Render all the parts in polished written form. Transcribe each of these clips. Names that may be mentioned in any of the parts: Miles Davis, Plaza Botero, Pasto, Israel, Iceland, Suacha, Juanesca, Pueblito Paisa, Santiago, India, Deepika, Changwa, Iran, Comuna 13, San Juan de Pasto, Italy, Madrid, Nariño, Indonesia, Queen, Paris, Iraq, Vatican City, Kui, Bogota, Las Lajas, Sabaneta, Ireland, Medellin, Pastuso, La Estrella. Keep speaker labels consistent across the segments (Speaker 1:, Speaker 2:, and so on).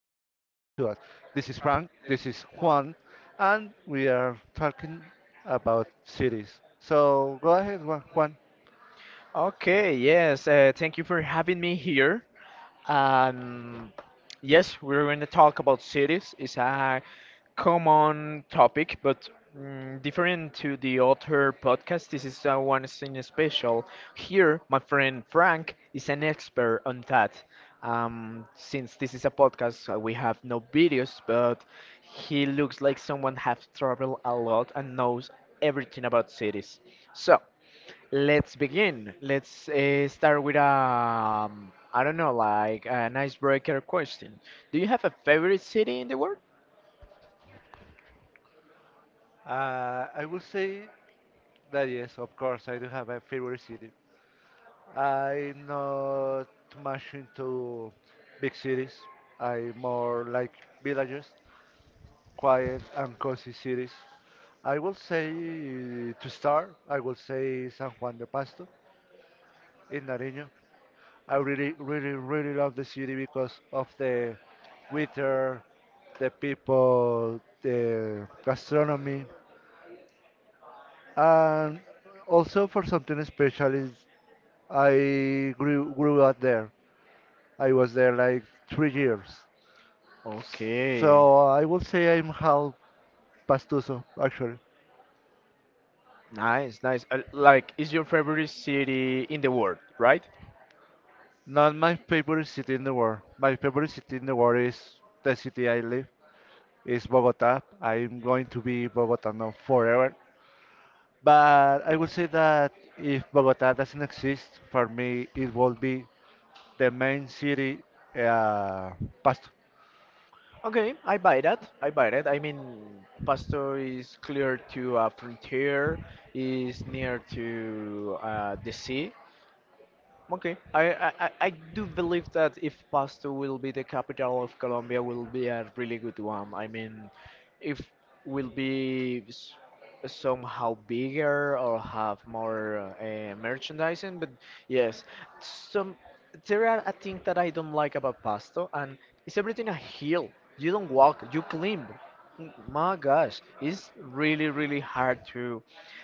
Speaker 1: us. This is Frank, this is Juan, and we are talking about cities. So go ahead, Juan.
Speaker 2: Okay, yes, Thank you for having me here. Um, yes, we're going to talk about cities. It's a common topic, but different to the other podcast. This is one thing special. Here, my friend Frank is an expert on that. Since this is a podcast, we have no videos, but he looks like someone has traveled a lot and knows everything about cities. So. Let's begin. Let's start with I don't know, like an icebreaker question. Do you have a favorite city in the world?
Speaker 1: I will say that yes, of course, I do have a favorite city. I'm not much into big cities. I more like villages, quiet and cozy cities. I will say to start, I will say San Juan de Pasto in Nariño. I really, really, really love the city because of the weather, the people, the gastronomy, and also for something special is I grew up there. I was there like 3 years,
Speaker 2: Okay,
Speaker 1: so I would say I'm half Pastuso actually.
Speaker 2: nice, nice. Like, is your favorite city in the world, right?
Speaker 1: Not my favorite city in the world. My favorite city in the world is the city I live. Is Bogota. I'm going to be Bogota now forever. But I would say that if Bogota doesn't exist, for me, it will be the main city, uh, Pasto.
Speaker 2: Okay, I buy that. I buy that. I mean, Pasto is clear to a frontier, is near to the sea. Okay, I do believe that if Pasto will be the capital of Colombia, will be a really good one. I mean, if will be somehow bigger or have more merchandising, but yes, some there are a thing that I don't like about Pasto, and it's everything a hill. You don't walk, you climb. My gosh, it's really really hard to.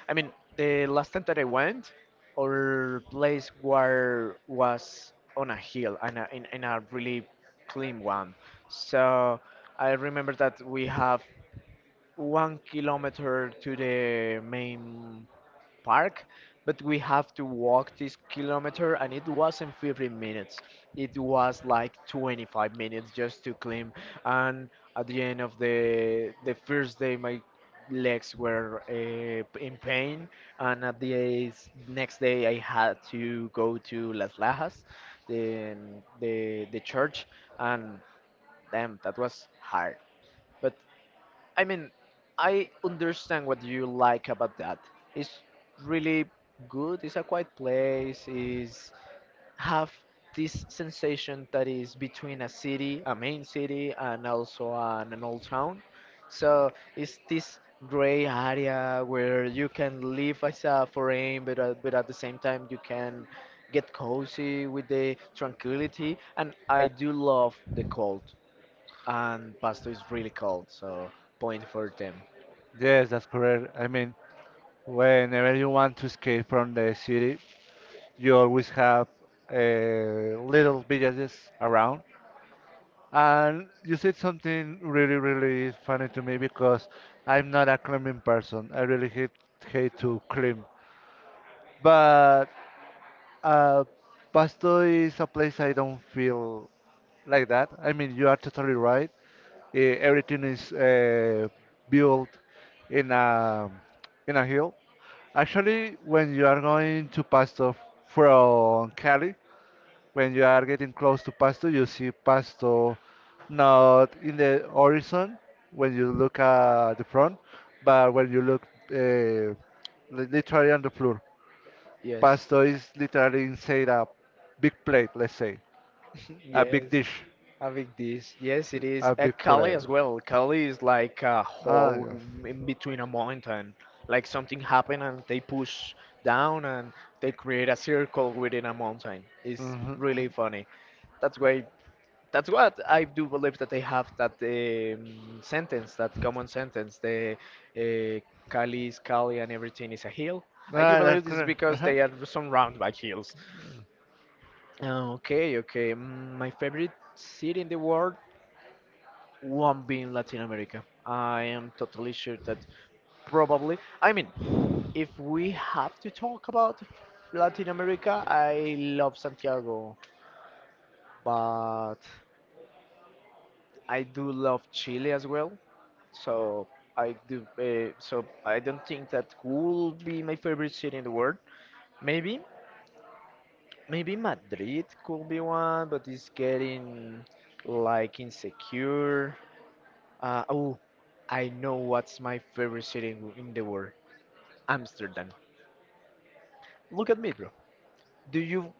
Speaker 2: I mean, the last time that I went. Our place where was on a hill and a, in a really clean one. So I remember that we have 1 kilometer to the main park, but we have to walk this kilometer, and it wasn't 15 minutes. It was like 25 minutes just to climb. And at the end of the first day, my legs were in pain, and at the next day, I had to go to Las Lajas, the the church, and damn, that was hard. But I mean, I understand what you like about that. It's really good. It's a quiet place. Is have this sensation that is between a city, a main city, and also an old town. So it's this gray area where you can live as a foreign, but at the same time you can get cozy with the tranquility. And I do love the cold and Pasto is really cold, so point for them.
Speaker 1: Yes, that's correct. I mean, whenever you want to escape from the city, you always have uh, little villages around. And you said something really, really funny to me because I'm not a climbing person. I really hate to climb. But uh, Pasto is a place I don't feel like that. I mean, you are totally right. Everything is built in a hill. Actually, when you are going to Pasto from Cali, when you are getting close to Pasto, you see Pasto not in the horizon when you look at the front, but when you look literally on the floor.
Speaker 2: Yes.
Speaker 1: Pasto is literally inside a big plate, let's say, a big
Speaker 2: Yes.
Speaker 1: dish,
Speaker 2: A big dish. Yes, it is.
Speaker 1: a big
Speaker 2: Cali
Speaker 1: plate.
Speaker 2: as well. Cali is like a
Speaker 1: Ah,
Speaker 2: hole
Speaker 1: yes.
Speaker 2: in between a mountain. Like something happened and they push down and they create a circle within a mountain. It's
Speaker 1: Hmm.
Speaker 2: really funny. That's why that's what I do believe that they have that sentence, that common sentence. The uh, Cali is Cali and everything is a hill. I do
Speaker 1: Ah, that's
Speaker 2: believe this is
Speaker 1: correct.
Speaker 2: because
Speaker 1: Uh-huh.
Speaker 2: they are surrounded by hills. Okay, okay. My favorite city in the world won't be in Latin America. I am totally sure that probably. I mean, if we have to talk about Latin America, I love Santiago, but I do love Chile as well. So I do. So I don't think that could be my favorite city in the world. Maybe, maybe Madrid could be one, but it's getting like insecure. Oh, I know what's my favorite city in the world. Amsterdam. Look at me, bro. Do you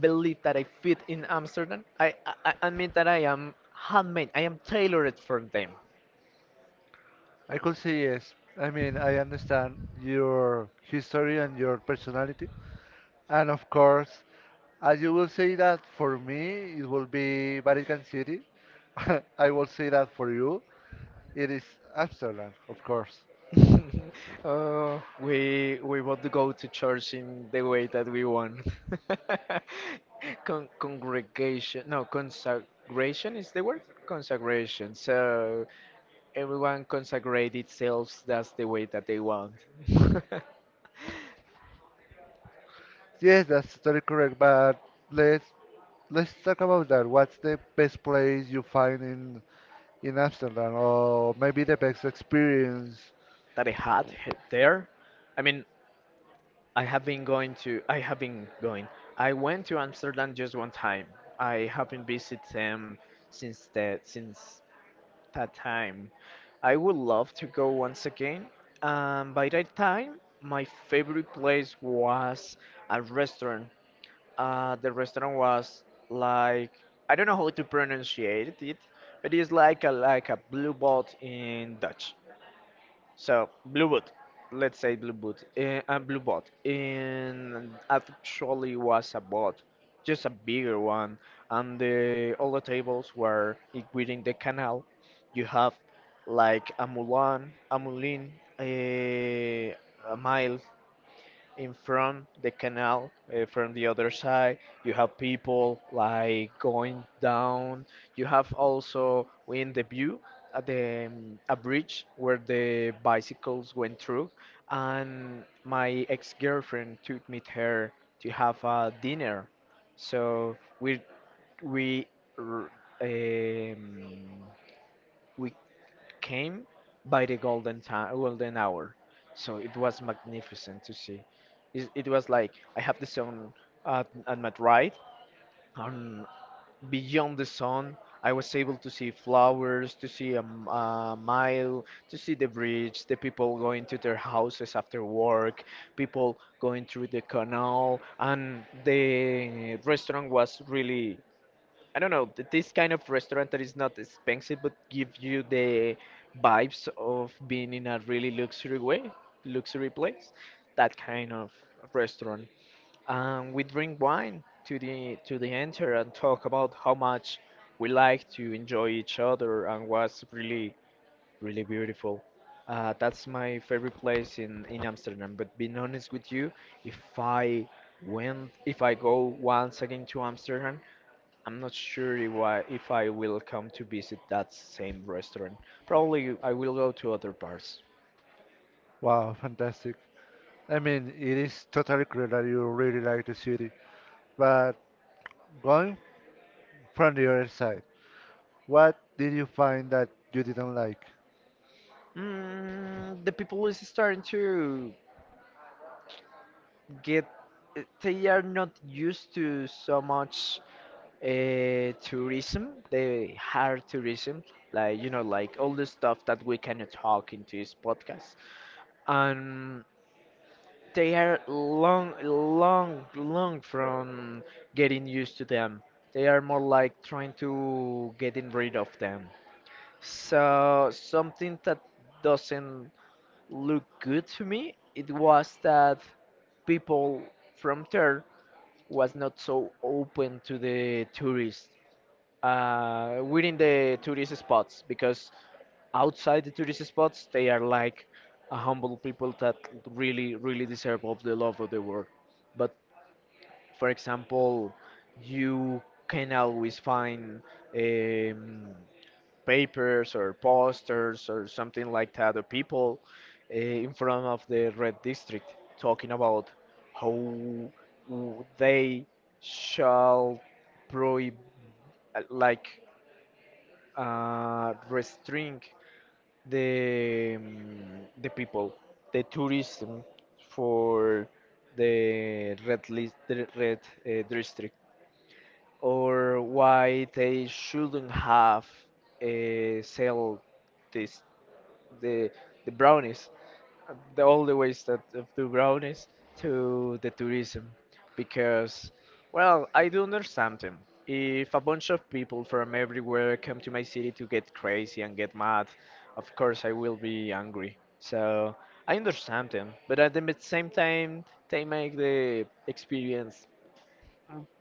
Speaker 2: believe that I fit in Amsterdam? I that I am handmade. I am tailored for them.
Speaker 1: I could say yes. I mean, I understand your history and your personality. And of course, as you will say that for me, it will be Vatican City. I will say that for you, it is Amsterdam, of course.
Speaker 2: Oh, we want to go to church in the way that we want. Congregation, no, consecration is the word? Consecration. So everyone consecrate itself, that's the way that they want.
Speaker 1: Yes, that's totally correct. But let's let's talk about that. What's the best place you find in Amsterdam, or maybe the best experience?
Speaker 2: That I had there. I mean, I have been going. I went to Amsterdam just one time. I haven't visited them since that time. I would love to go once again. And by that time, my favorite place was a restaurant. The restaurant was like I don't know how to pronunciate it, but it's like a blue boat in Dutch. So blue boot, let's say blue boot, a blue bot, and actually was a bot, just a bigger one. And the, all the tables were including the canal. You have like a Mulan, a Mulin, a, a Miles, in front the canal from the other side you have people like going down, you have also in the view at the a bridge where the bicycles went through, and my ex-girlfriend took me there to have a dinner, so we r- um, we came by the golden time, golden hour. So it was magnificent to see. It was like I have the sun at my right, and beyond the sun, I was able to see flowers, to see a, a mile, to see the bridge, the people going to their houses after work, people going through the canal, and the restaurant was really I don't know, this kind of restaurant that is not expensive but give you the vibes of being in a really luxury way, luxury place. That kind of restaurant. We drink wine to the enter and talk about how much we like to enjoy each other and was really really beautiful. That's my favorite place in Amsterdam. But being honest with you, if I if I go once again to Amsterdam. I'm not sure if I will come to visit that same restaurant. Probably I will go to other parts.
Speaker 1: Wow, fantastic. I mean, it is totally clear that you really like the city, but going from the other side, what did you find that you didn't like?
Speaker 2: Mm, the people is starting to get. They are not used to so much tourism. They hard tourism, like you know, like all the stuff that we cannot talk into this podcast. And they are long, long, long from getting used to them. They are more like trying to getting rid of them. So something that doesn't look good to me, it was that people from there was not so open to the tourists within the tourist spots because outside the tourist spots they are like a humble people that really really deserve of the love of the world, but for example, you can always find um, papers or posters or something like that of people in front of the red district talking about how they shall prohibit, like restrain the um, the people, the tourism for the red list, the red district, or why they shouldn't have sell this the the brownies, the all the ways that of the brownies to the tourism because well I do understand them. If a bunch of people from everywhere come to my city to get crazy and get mad, of course I will be angry. So I understand them, but at the same time they make the experience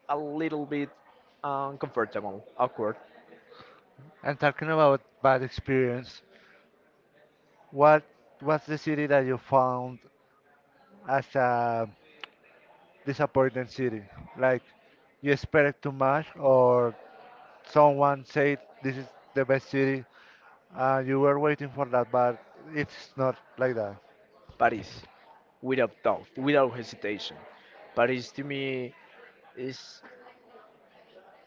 Speaker 2: a little bit uncomfortable, awkward.
Speaker 1: And talking about bad experience, what was the city that you found as a disappointing city? Like, you expect too much, or someone said this is the best city, and you were waiting for that, but it's not like that.
Speaker 2: Paris, without doubt, without hesitation. Paris to me is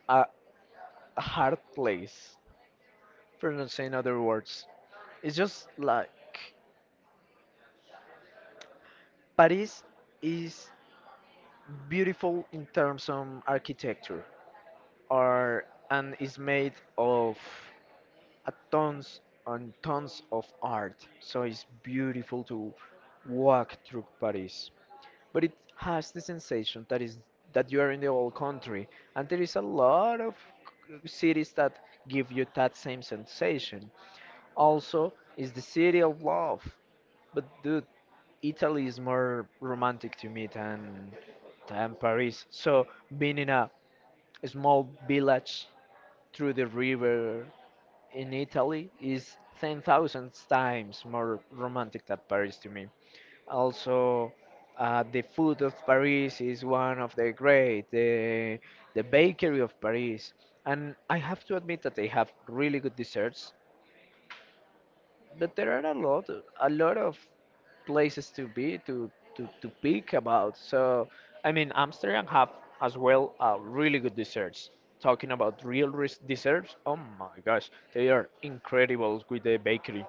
Speaker 2: a, a hard place, for not saying other words. It's just like Paris is beautiful in terms of architecture, or and is made of a tons and tons of art. So it's beautiful to walk through Paris. But it has the sensation that is that you are in the old country and there is a lot of cities that give you that same sensation. Also is the city of love, but dude, Italy is more romantic to me than Paris. So being in a small village through the river in Italy is 10,000 times more romantic than Paris to me. Also, the food of Paris is one of the great, the bakery of Paris. And I have to admit that they have really good desserts, but there are a lot of places to be to to pick about. So, I mean, Amsterdam have as well really good desserts. Talking about real desserts, oh my gosh, they are incredible with the bakery.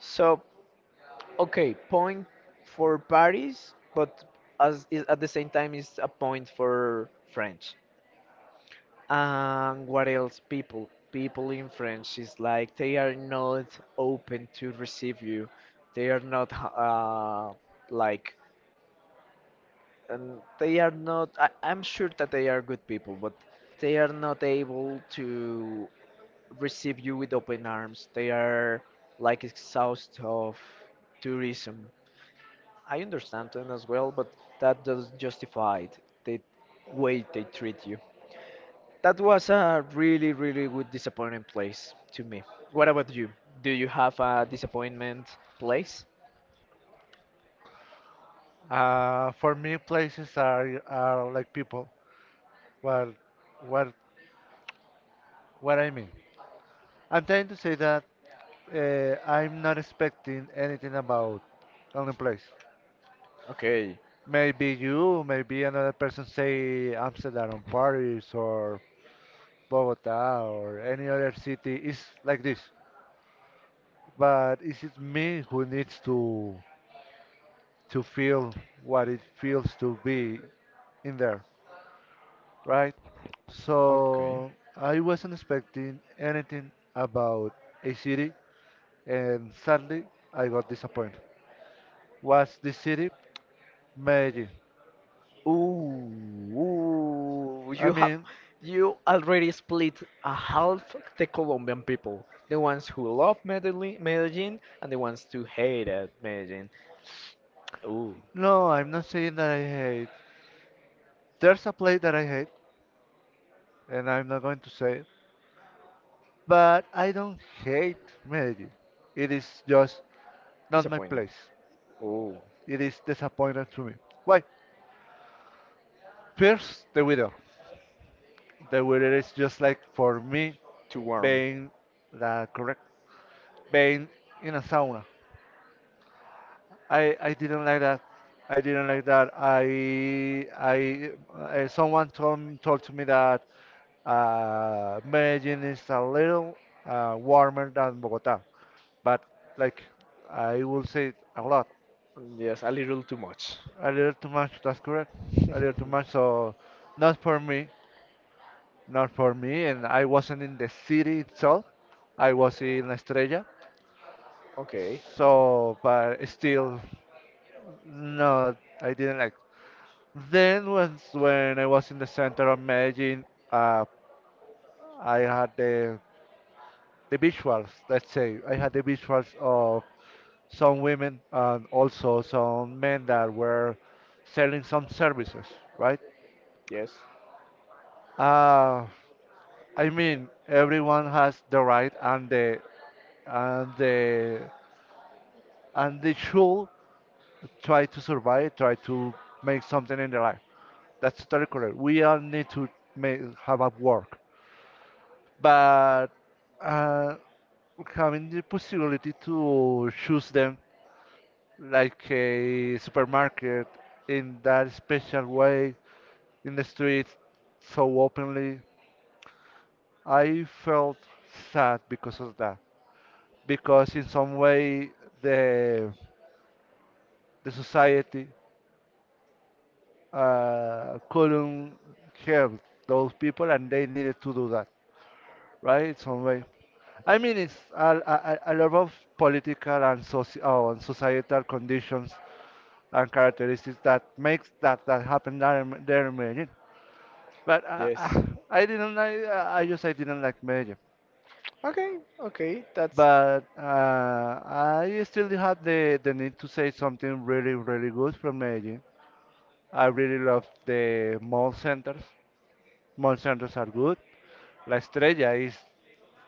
Speaker 2: So. Okay, point for Paris, but as is at the same time is a point for French. And what else? People, people in French is like they are not open to receive you. They are not like, and they are not. I'm sure that they are good people, but they are not able to receive you with open arms. They are like exhaust of tourism. I understand them as well, but that doesn't justify the way they treat you. That was a really, really good disappointing place to me. What about you? Do you have a disappointment place?
Speaker 1: For me, places are like people. Well, what What I mean, I'm trying to say that I'm not expecting anything about only place.
Speaker 2: Okay.
Speaker 1: Maybe you, maybe another person say Amsterdam or Paris or Bogota or any other city is like this. But is it me who needs to feel what it feels to be in there, right? So I wasn't expecting anything about a city, and sadly I got disappointed. Was the city? Maybe.
Speaker 2: Ooh,
Speaker 1: I
Speaker 2: you have,
Speaker 1: mean,
Speaker 2: you already split a half the Colombian people. The ones who love Medellin, Medellin and the ones who hated Medellin. Ooh,
Speaker 1: no, I'm not saying that I hate. There's a place that I hate, and I'm not going to say it. But I don't hate Medellin. It is just not my
Speaker 2: disappointed.
Speaker 1: place.
Speaker 2: Ooh.
Speaker 1: It is disappointing to me. Why? First, the weather. The weather is just like for me
Speaker 2: Too warm.
Speaker 1: being the correct being in a sauna. I didn't like that. I didn't like that. I someone told to me that Medellin is a little warmer than Bogota, but like I will say a lot,
Speaker 2: Yes, a little too much.
Speaker 1: a little too much. That's correct, a little too much. So not for me, not for me. And I wasn't in the city itself. I was in La Estrella.
Speaker 2: Okay.
Speaker 1: So, but still, no, I didn't like. Then once when I was in the center of Medellin, uh, I had the visuals. Let's say I had the visuals of some women and also some men that were selling some services, right?
Speaker 2: Yes.
Speaker 1: Uh, I mean, everyone has the right and the and the and they should try to survive, try to make something in their life. That's totally correct. We all need to make, have a work, but uh, having the possibility to choose them like a supermarket in that special way in the streets so openly. I felt sad because of that. Because in some way the the society couldn't help those people, and they needed to do that, right? In some way. I mean, it's a lot of political and societal conditions and characteristics that makes that happen there, there in Medellin. But I
Speaker 2: Yes.
Speaker 1: I didn't like. I just I didn't like Medellin.
Speaker 2: Okay. Okay. That's.
Speaker 1: But I still do have the need to say something really, really good from Medellin. I really love the mall centers. Mall centers are good. La Estrella is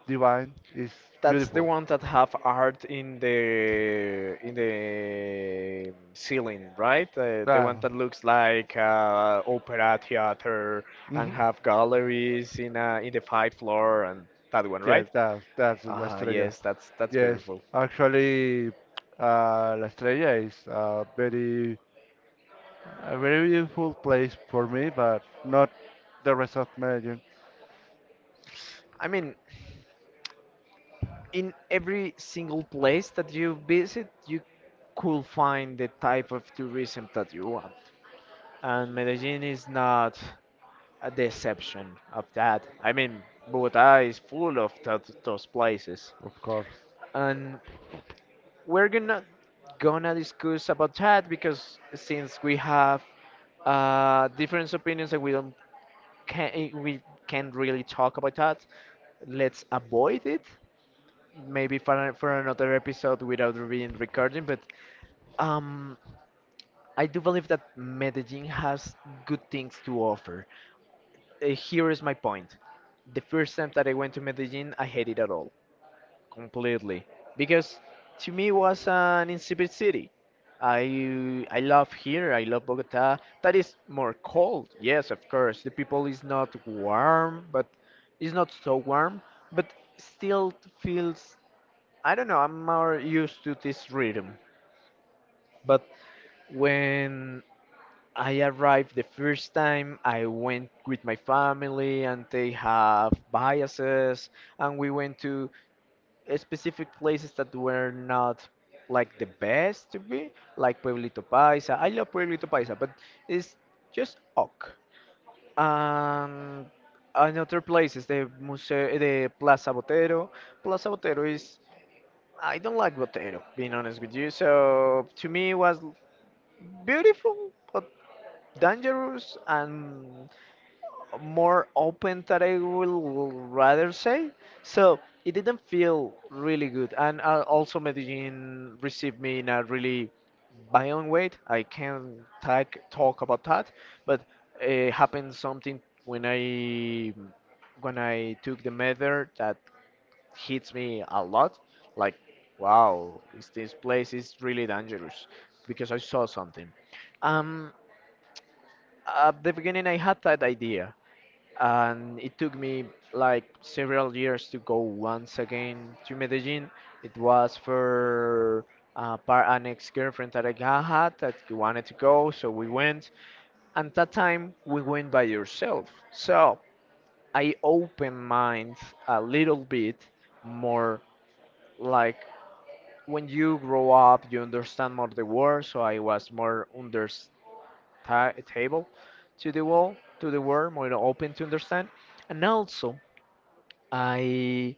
Speaker 1: divine, is
Speaker 2: That's the
Speaker 1: beautiful.
Speaker 2: one that have art in the ceiling, right? The one
Speaker 1: Ah,
Speaker 2: that looks like opera theater and
Speaker 1: mhm.
Speaker 2: have galleries in the five floor and that one,
Speaker 1: Yes,
Speaker 2: right?
Speaker 1: that's La
Speaker 2: Ah,
Speaker 1: Estrella.
Speaker 2: yes, that's
Speaker 1: Yes,
Speaker 2: beautiful.
Speaker 1: actually, La Estrella is a very beautiful place for me, but not the rest of Medellin,
Speaker 2: I mean, in every single place that you visit, you could find the type of tourism that you want. And Medellin is not a deception of that. I mean, Bogota is full of those places,
Speaker 1: of course.
Speaker 2: and we're gonna discuss about that, because since we have different opinions and we don't, can we can't really talk about that, let's avoid it. Maybe for for another episode without being recording. But um, I do believe that Medellin has good things to offer. Here is my point. The first time that I went to Medellin, I hated it all completely, because to me it was an insipid city. I love here. I love Bogota. That is more cold. Yes, of course. The people is not warm, but it's not so warm, but still feels. I don't know. I'm more used to this rhythm. But when I arrived the first time, I went with my family, and they have biases, and we went to specific places that were not like the best to be, like Pueblito Paisa. I love Pueblito Paisa, but it's just ok. And another place is the Museo, the Plaza Botero. Plaza Botero is, I don't like Botero, being honest with you. So to me, it was beautiful, but dangerous and more open that I will rather say. So it didn't feel really good. And also Medellin received me in a really violent way. I can't talk about that, but it happened something when I, when I took the measure, that hits me a lot. Like, wow, is this place is really dangerous, because I saw something. Um, at the beginning, I had that idea, and it took me like several years to go once again to Medellin. It was for par an ex-girlfriend that I had, that wanted to go, so we went. And that time we went by yourself, so I opened mind a little bit more. Like, when you grow up, you understand more the world. So I was more understandable to the world, more open to understand, and also. I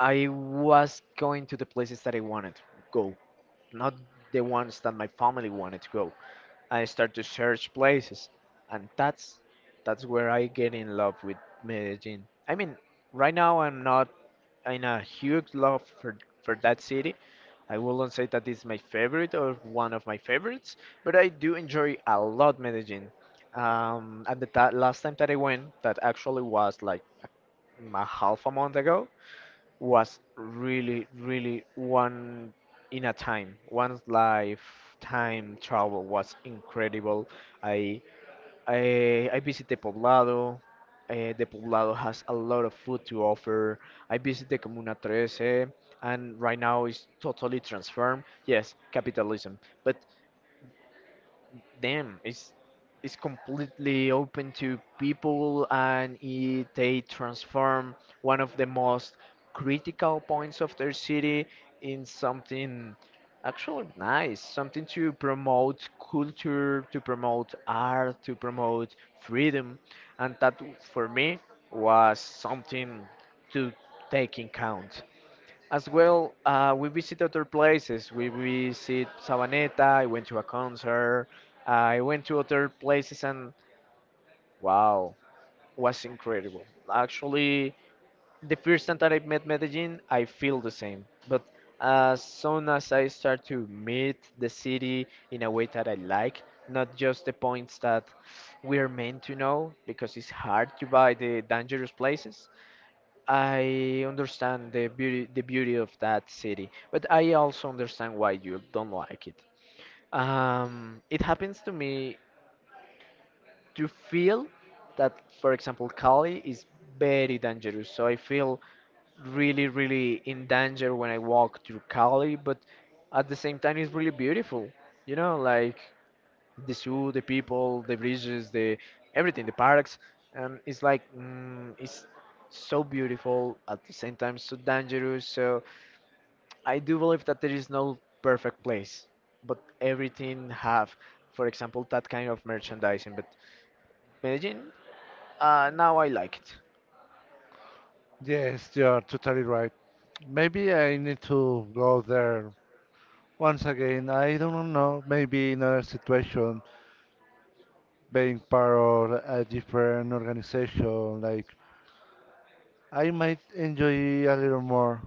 Speaker 2: was going to the places that I wanted to go, not the ones that my family wanted to go. I started to search places, and that's where I get in love with Medellin. I mean, right now I'm not in a huge love for that city. I wouldn't say that it's my favorite or one of my favorites, but I do enjoy a lot Medellin. And the ta last time that I went, that actually was like a half a month ago, was really, really one in a time. One's lifetime travel was incredible. I I visited Poblado. The Poblado has a lot of food to offer. I visited Comuna 13, and right now it's totally transformed. Yes, capitalism, but them. It's completely open to people, and it, they transform one of the most critical points of their city in something actually nice, something to promote culture, to promote art, to promote freedom, and that for me was something to take in count. As well, we visit other places. We visit Sabaneta. I went to a concert. I went to other places, and wow, was incredible. Actually, the first time that I met Medellin, I feel the same. But as soon as I start to meet the city in a way that I like, not just the points that we're meant to know, because it's hard to buy the dangerous places. I understand the beauty of that city, but I also understand why you don't like it. It happens to me to feel that, for example, Cali is very dangerous. So I feel really, really in danger when I walk through Cali, but at the same time, it's really beautiful. You know, like the zoo, the people, the bridges, the everything, the parks. It's like it's so beautiful at the same time so dangerous. So I do believe that there is no perfect place, but everything have, for example, that kind of merchandising. But Medellin, now I like it.
Speaker 1: Yes, you are totally right. Maybe I need to go there once again. I don't know. Maybe in another situation, being part of a different organization, like I might enjoy a little more.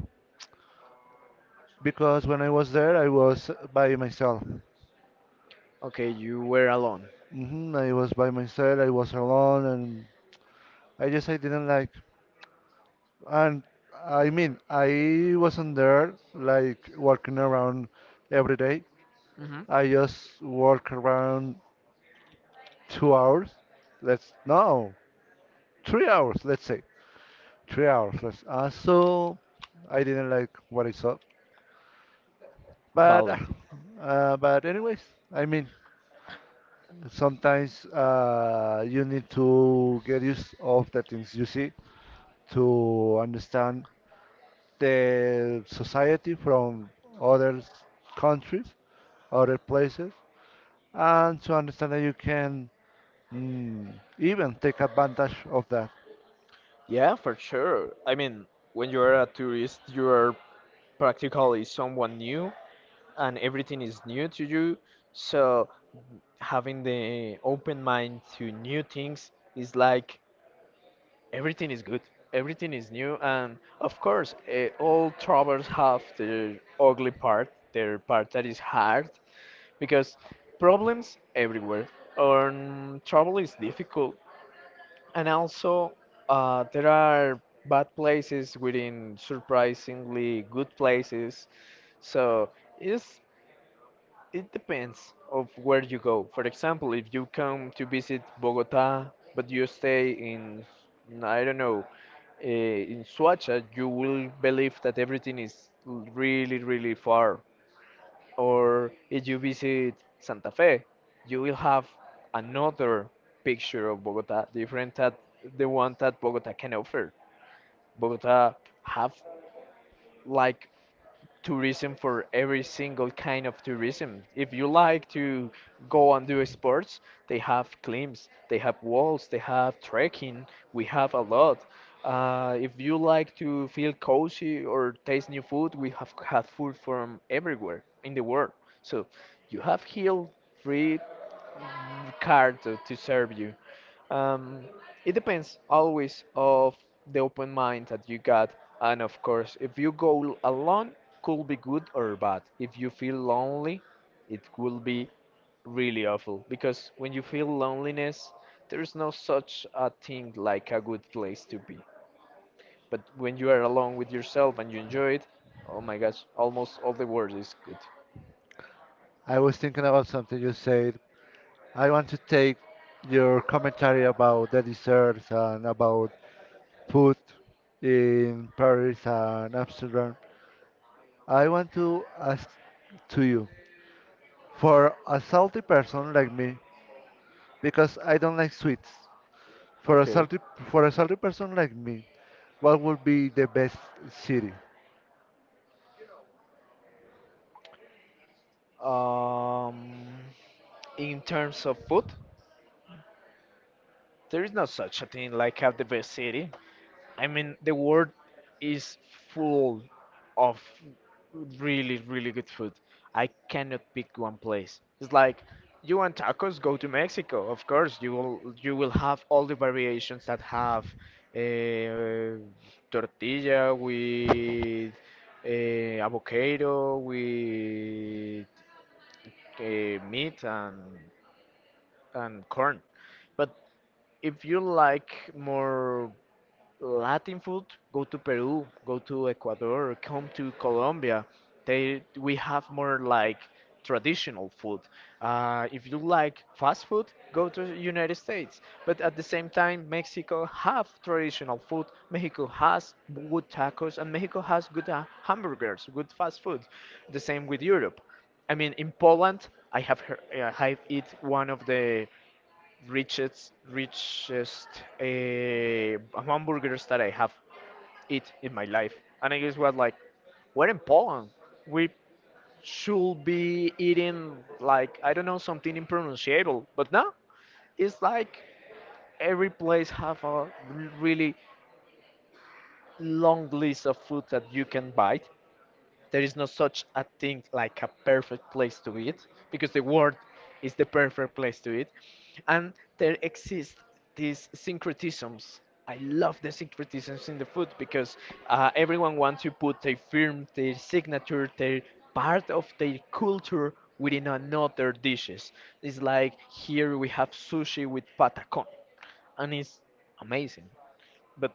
Speaker 1: Because when I was there, I was by myself.
Speaker 2: Okay, you were alone.
Speaker 1: I was by myself. I was alone, and I just I didn't like. And I mean, I wasn't there like walking around every day.
Speaker 2: hmm
Speaker 1: I just walk around 2 hours. Let's no, 3 hours. Let's say 3 hours. Let's. So I didn't like what I saw, but uh,
Speaker 2: Valid.
Speaker 1: uh, but anyways, I mean sometimes you need to get used of the things you see to understand the society from other countries, other places, and to understand that you can even take advantage of that.
Speaker 2: Yeah, for sure. I mean, when you are a tourist, you are practically someone new, and everything is new to you. So, having the open mind to new things is like everything is good, everything is new, and of course, all troubles have their ugly part, their part that is hard, because problems everywhere, and trouble is difficult, and also there are bad places within surprisingly good places. So it's, it depends of where you go. For example, if you come to visit Bogota, but you stay in, I don't know, in Suacha, you will believe that everything is really, really far. Or if you visit Santa Fe, you will have another picture of Bogota, different that the one that Bogota can offer. Bogota have like tourism for every single kind of tourism. If you like to go and do sports, they have climbs, they have walls, they have trekking. We have a lot. If you like to feel cozy or taste new food, we have had food from everywhere in the world. So you have here free card to serve you. Um, it depends always of the open mind that you got, and of course, if you go alone, could be good or bad. If you feel lonely, it will be really awful, because when you feel loneliness, there is no such a thing like a good place to be. But when you are alone with yourself and you enjoy it, oh my gosh, almost all the world is good.
Speaker 1: I was thinking about something you said I want to take your commentary about the desserts and about food in Paris and Amsterdam. I want to ask to you for a salty person like me, because I don't like sweets. For a salty person like me, what would be the best city?
Speaker 2: Um, in terms of food. There is no such a thing like have the best city. I mean, the world is full of really, really good food. I cannot pick one place. It's like, you want tacos, go to Mexico. Of course, you will have all the variations that have uh, tortilla with avocado with meat and corn. But if you like more Latin food, go to Peru, go to Ecuador, come to Colombia. They, we have more like traditional food. If you like fast food, go to the United States. But at the same time, Mexico have traditional food. Mexico has good tacos, and Mexico has good hamburgers, good fast food. The same with Europe. I mean, in Poland, I have heard, I have eat one of the richest hamburgers that I have eat in my life. And I guess what, like, we're in Poland. We should be eating like, I don't know, something impronunciable, but no, it's like every place have a really long list of food that you can buy. There is no such a thing like a perfect place to eat, because the world is the perfect place to eat. And there exist these syncretisms. I love the syncretisms in the food, because everyone wants to put their firm, their signature, their part of their culture within another dishes. It's like here we have sushi with patacon, and it's amazing. But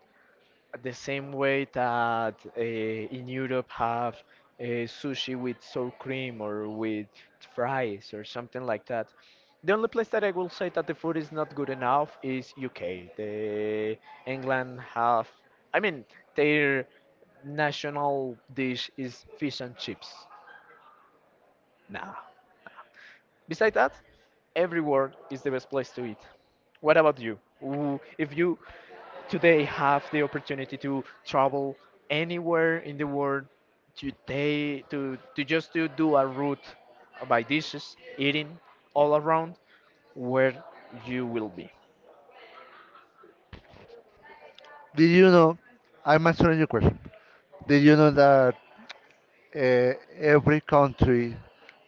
Speaker 2: the same way that in Europe have sushi with sour cream or with fries or something like that. The only place that I will say that the food is not good enough is UK. The England have, I mean, their national dish is fish and chips. Nah. Besides that, everywhere is the best place to eat. What about you? If you today have the opportunity to travel anywhere in the world today, to just to do a route by dishes eating all around, where you will be?
Speaker 1: Did you know? I'm answering your question. Did you know that every country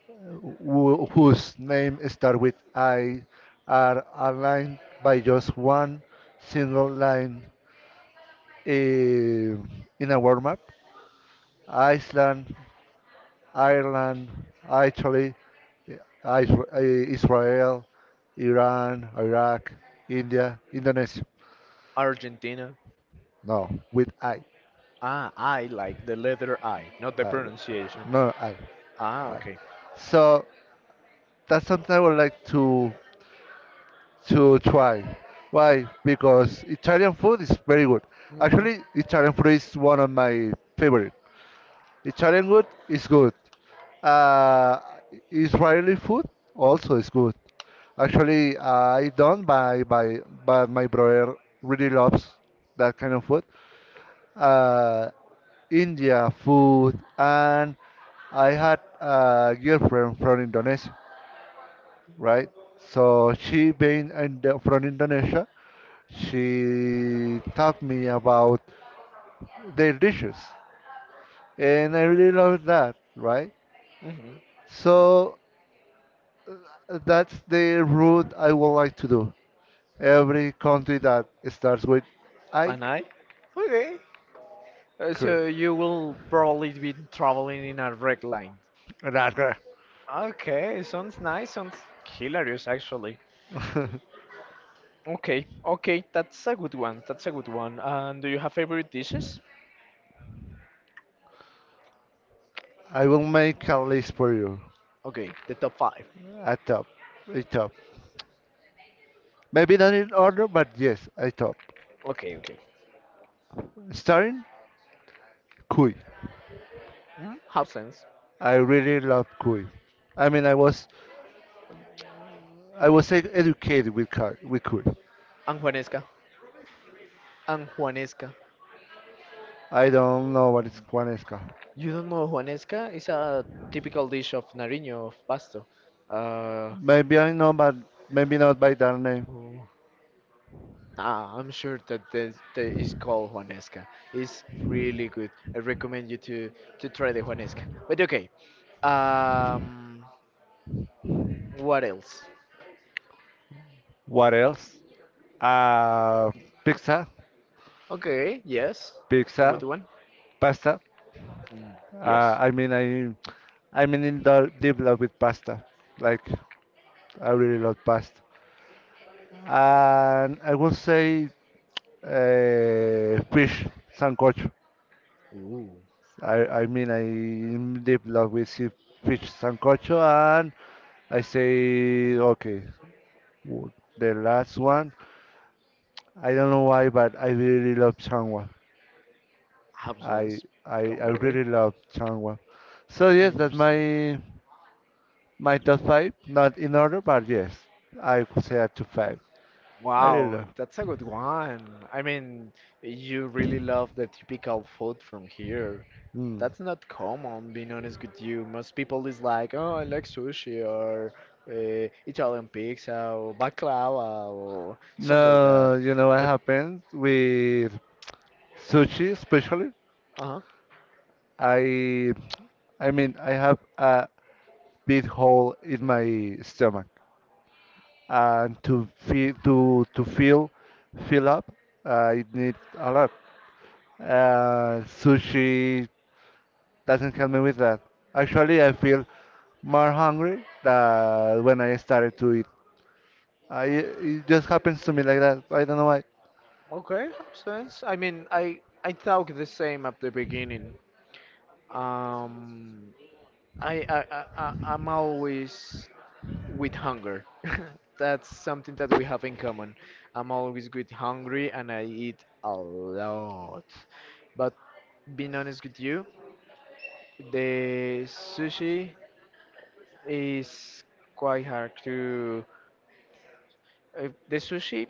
Speaker 1: whose name start with I are aligned by just one single line eh, in a world map. Iceland, Ireland, Italy, eh, Israel, Iran, Iraq, India, Indonesia.
Speaker 2: Argentina.
Speaker 1: No, with I.
Speaker 2: Ah, I like the letter I, not the
Speaker 1: Uh,
Speaker 2: pronunciation.
Speaker 1: no, I.
Speaker 2: Ah,
Speaker 1: I.
Speaker 2: okay.
Speaker 1: So that's something I would like to try. Why? Because Italian food is very good.
Speaker 2: Hmm.
Speaker 1: Actually, Italian food is one of my favorite. Italian food is good. Uh, Israeli food also is good. Actually, I don't buy. But my brother really loves that kind of food. Uh, India food and I had a girlfriend from Indonesia, right? So she being from Indonesia, she taught me about their dishes, and I really love that, right?
Speaker 2: Hmm.
Speaker 1: So that's the route I would like to do. Every country that starts with I,
Speaker 2: An I. Okay.
Speaker 1: cur-
Speaker 2: So you will probably be traveling in a red line.
Speaker 1: Iraq.
Speaker 2: Okay, sounds nice, sounds hilarious actually. Okay, okay, that's a good one. That's a good one. And do you have favorite dishes?
Speaker 1: I will make a list for you.
Speaker 2: Okay, the top five.
Speaker 1: A top, a top. Maybe not in order, but yes, a top.
Speaker 2: Okay, okay.
Speaker 1: Starting Kui.
Speaker 2: Mm, have sense.
Speaker 1: I really love Kui. I mean, I was educated with Kui. With Kui.
Speaker 2: And Juanesca. And Juanesca.
Speaker 1: I don't know what is Juanesca.
Speaker 2: You don't know Juanesca? It's a typical dish of Nariño, of Pasto.
Speaker 1: Maybe I know, but maybe not by that name.
Speaker 2: Uh, Ah, I'm sure that this, that is called Juanesca. It's really good. I recommend you to try the Juanesca. But okay, um, what else?
Speaker 1: What else? Uh, pizza,
Speaker 2: Okay, yes, a
Speaker 1: pizza,
Speaker 2: good one.
Speaker 1: pasta.
Speaker 2: Mm, yes.
Speaker 1: I mean, I'm in the deep love with pasta. Like, I really love pasta. And I will say fish sancocho.
Speaker 2: Ooh,
Speaker 1: I mean, I'm deep love with fish sancocho, and I say okay. w- The last one I don't know why, but I really love Changwa. I
Speaker 2: absence.
Speaker 1: I
Speaker 2: Don't
Speaker 1: I
Speaker 2: worry.
Speaker 1: really love Changwa. So
Speaker 2: I
Speaker 1: yes,
Speaker 2: under-.
Speaker 1: that's my top five. Not in order, but yes, I could say a top five. I really
Speaker 2: Wow,
Speaker 1: love.
Speaker 2: that's a good one. I mean, you really love the typical food from here.
Speaker 1: Mm.
Speaker 2: That's not common, being honest with you. Most people is like, oh, I like sushi or Italian pizza or baklava or something like that.
Speaker 1: No, you know what happens with sushi, especially.
Speaker 2: Uh-huh.
Speaker 1: I I mean I have a big hole in my stomach, and to feel fill up, I need a lot. Sushi doesn't help me with that. Actually, I feel more hungry than when I started to eat. It just happens to me like that. I don't know why.
Speaker 2: Okay, makes sense. I mean, I thought the same at the beginning. Um, I'm always with hunger. That's something that we have in common. I'm always with hungry and I eat a lot. But being honest with you. The sushi is quite hard to. The sushi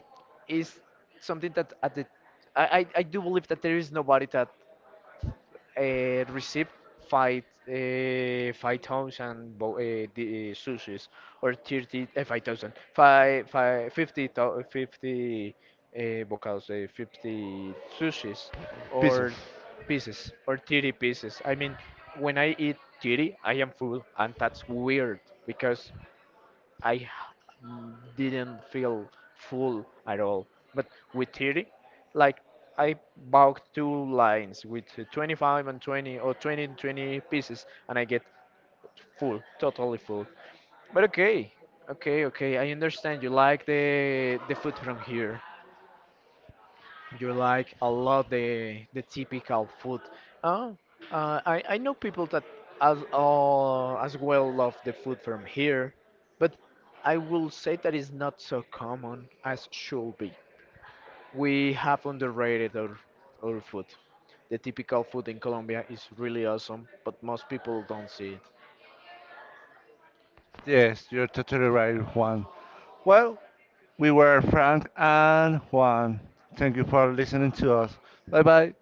Speaker 2: is something that at the I do believe that there is nobody that uh, receive 5,000 sushis, or 30 five thousand five five fifty thou- 50 bocados 50 sushis,
Speaker 1: Pieces.
Speaker 2: or pieces, or 30 pieces. I mean, when I eat 30, I am full, and that's weird because I h- didn't feel full at all. But with 30, like, I bought 2 lines with 25 and 20 or 20 and 20 pieces, and I get full, totally full. But okay, okay, okay. I understand you like the food from here. You like a lot the typical food. Oh, I know people that as well love the food from here, but I will say that is not so common as should be. We have underrated our food. The typical food in Colombia is really awesome, but most people don't see it.
Speaker 1: Yes, you're totally right, Juan. Well, we were Frank and Juan. Thank you for listening to us. Bye bye.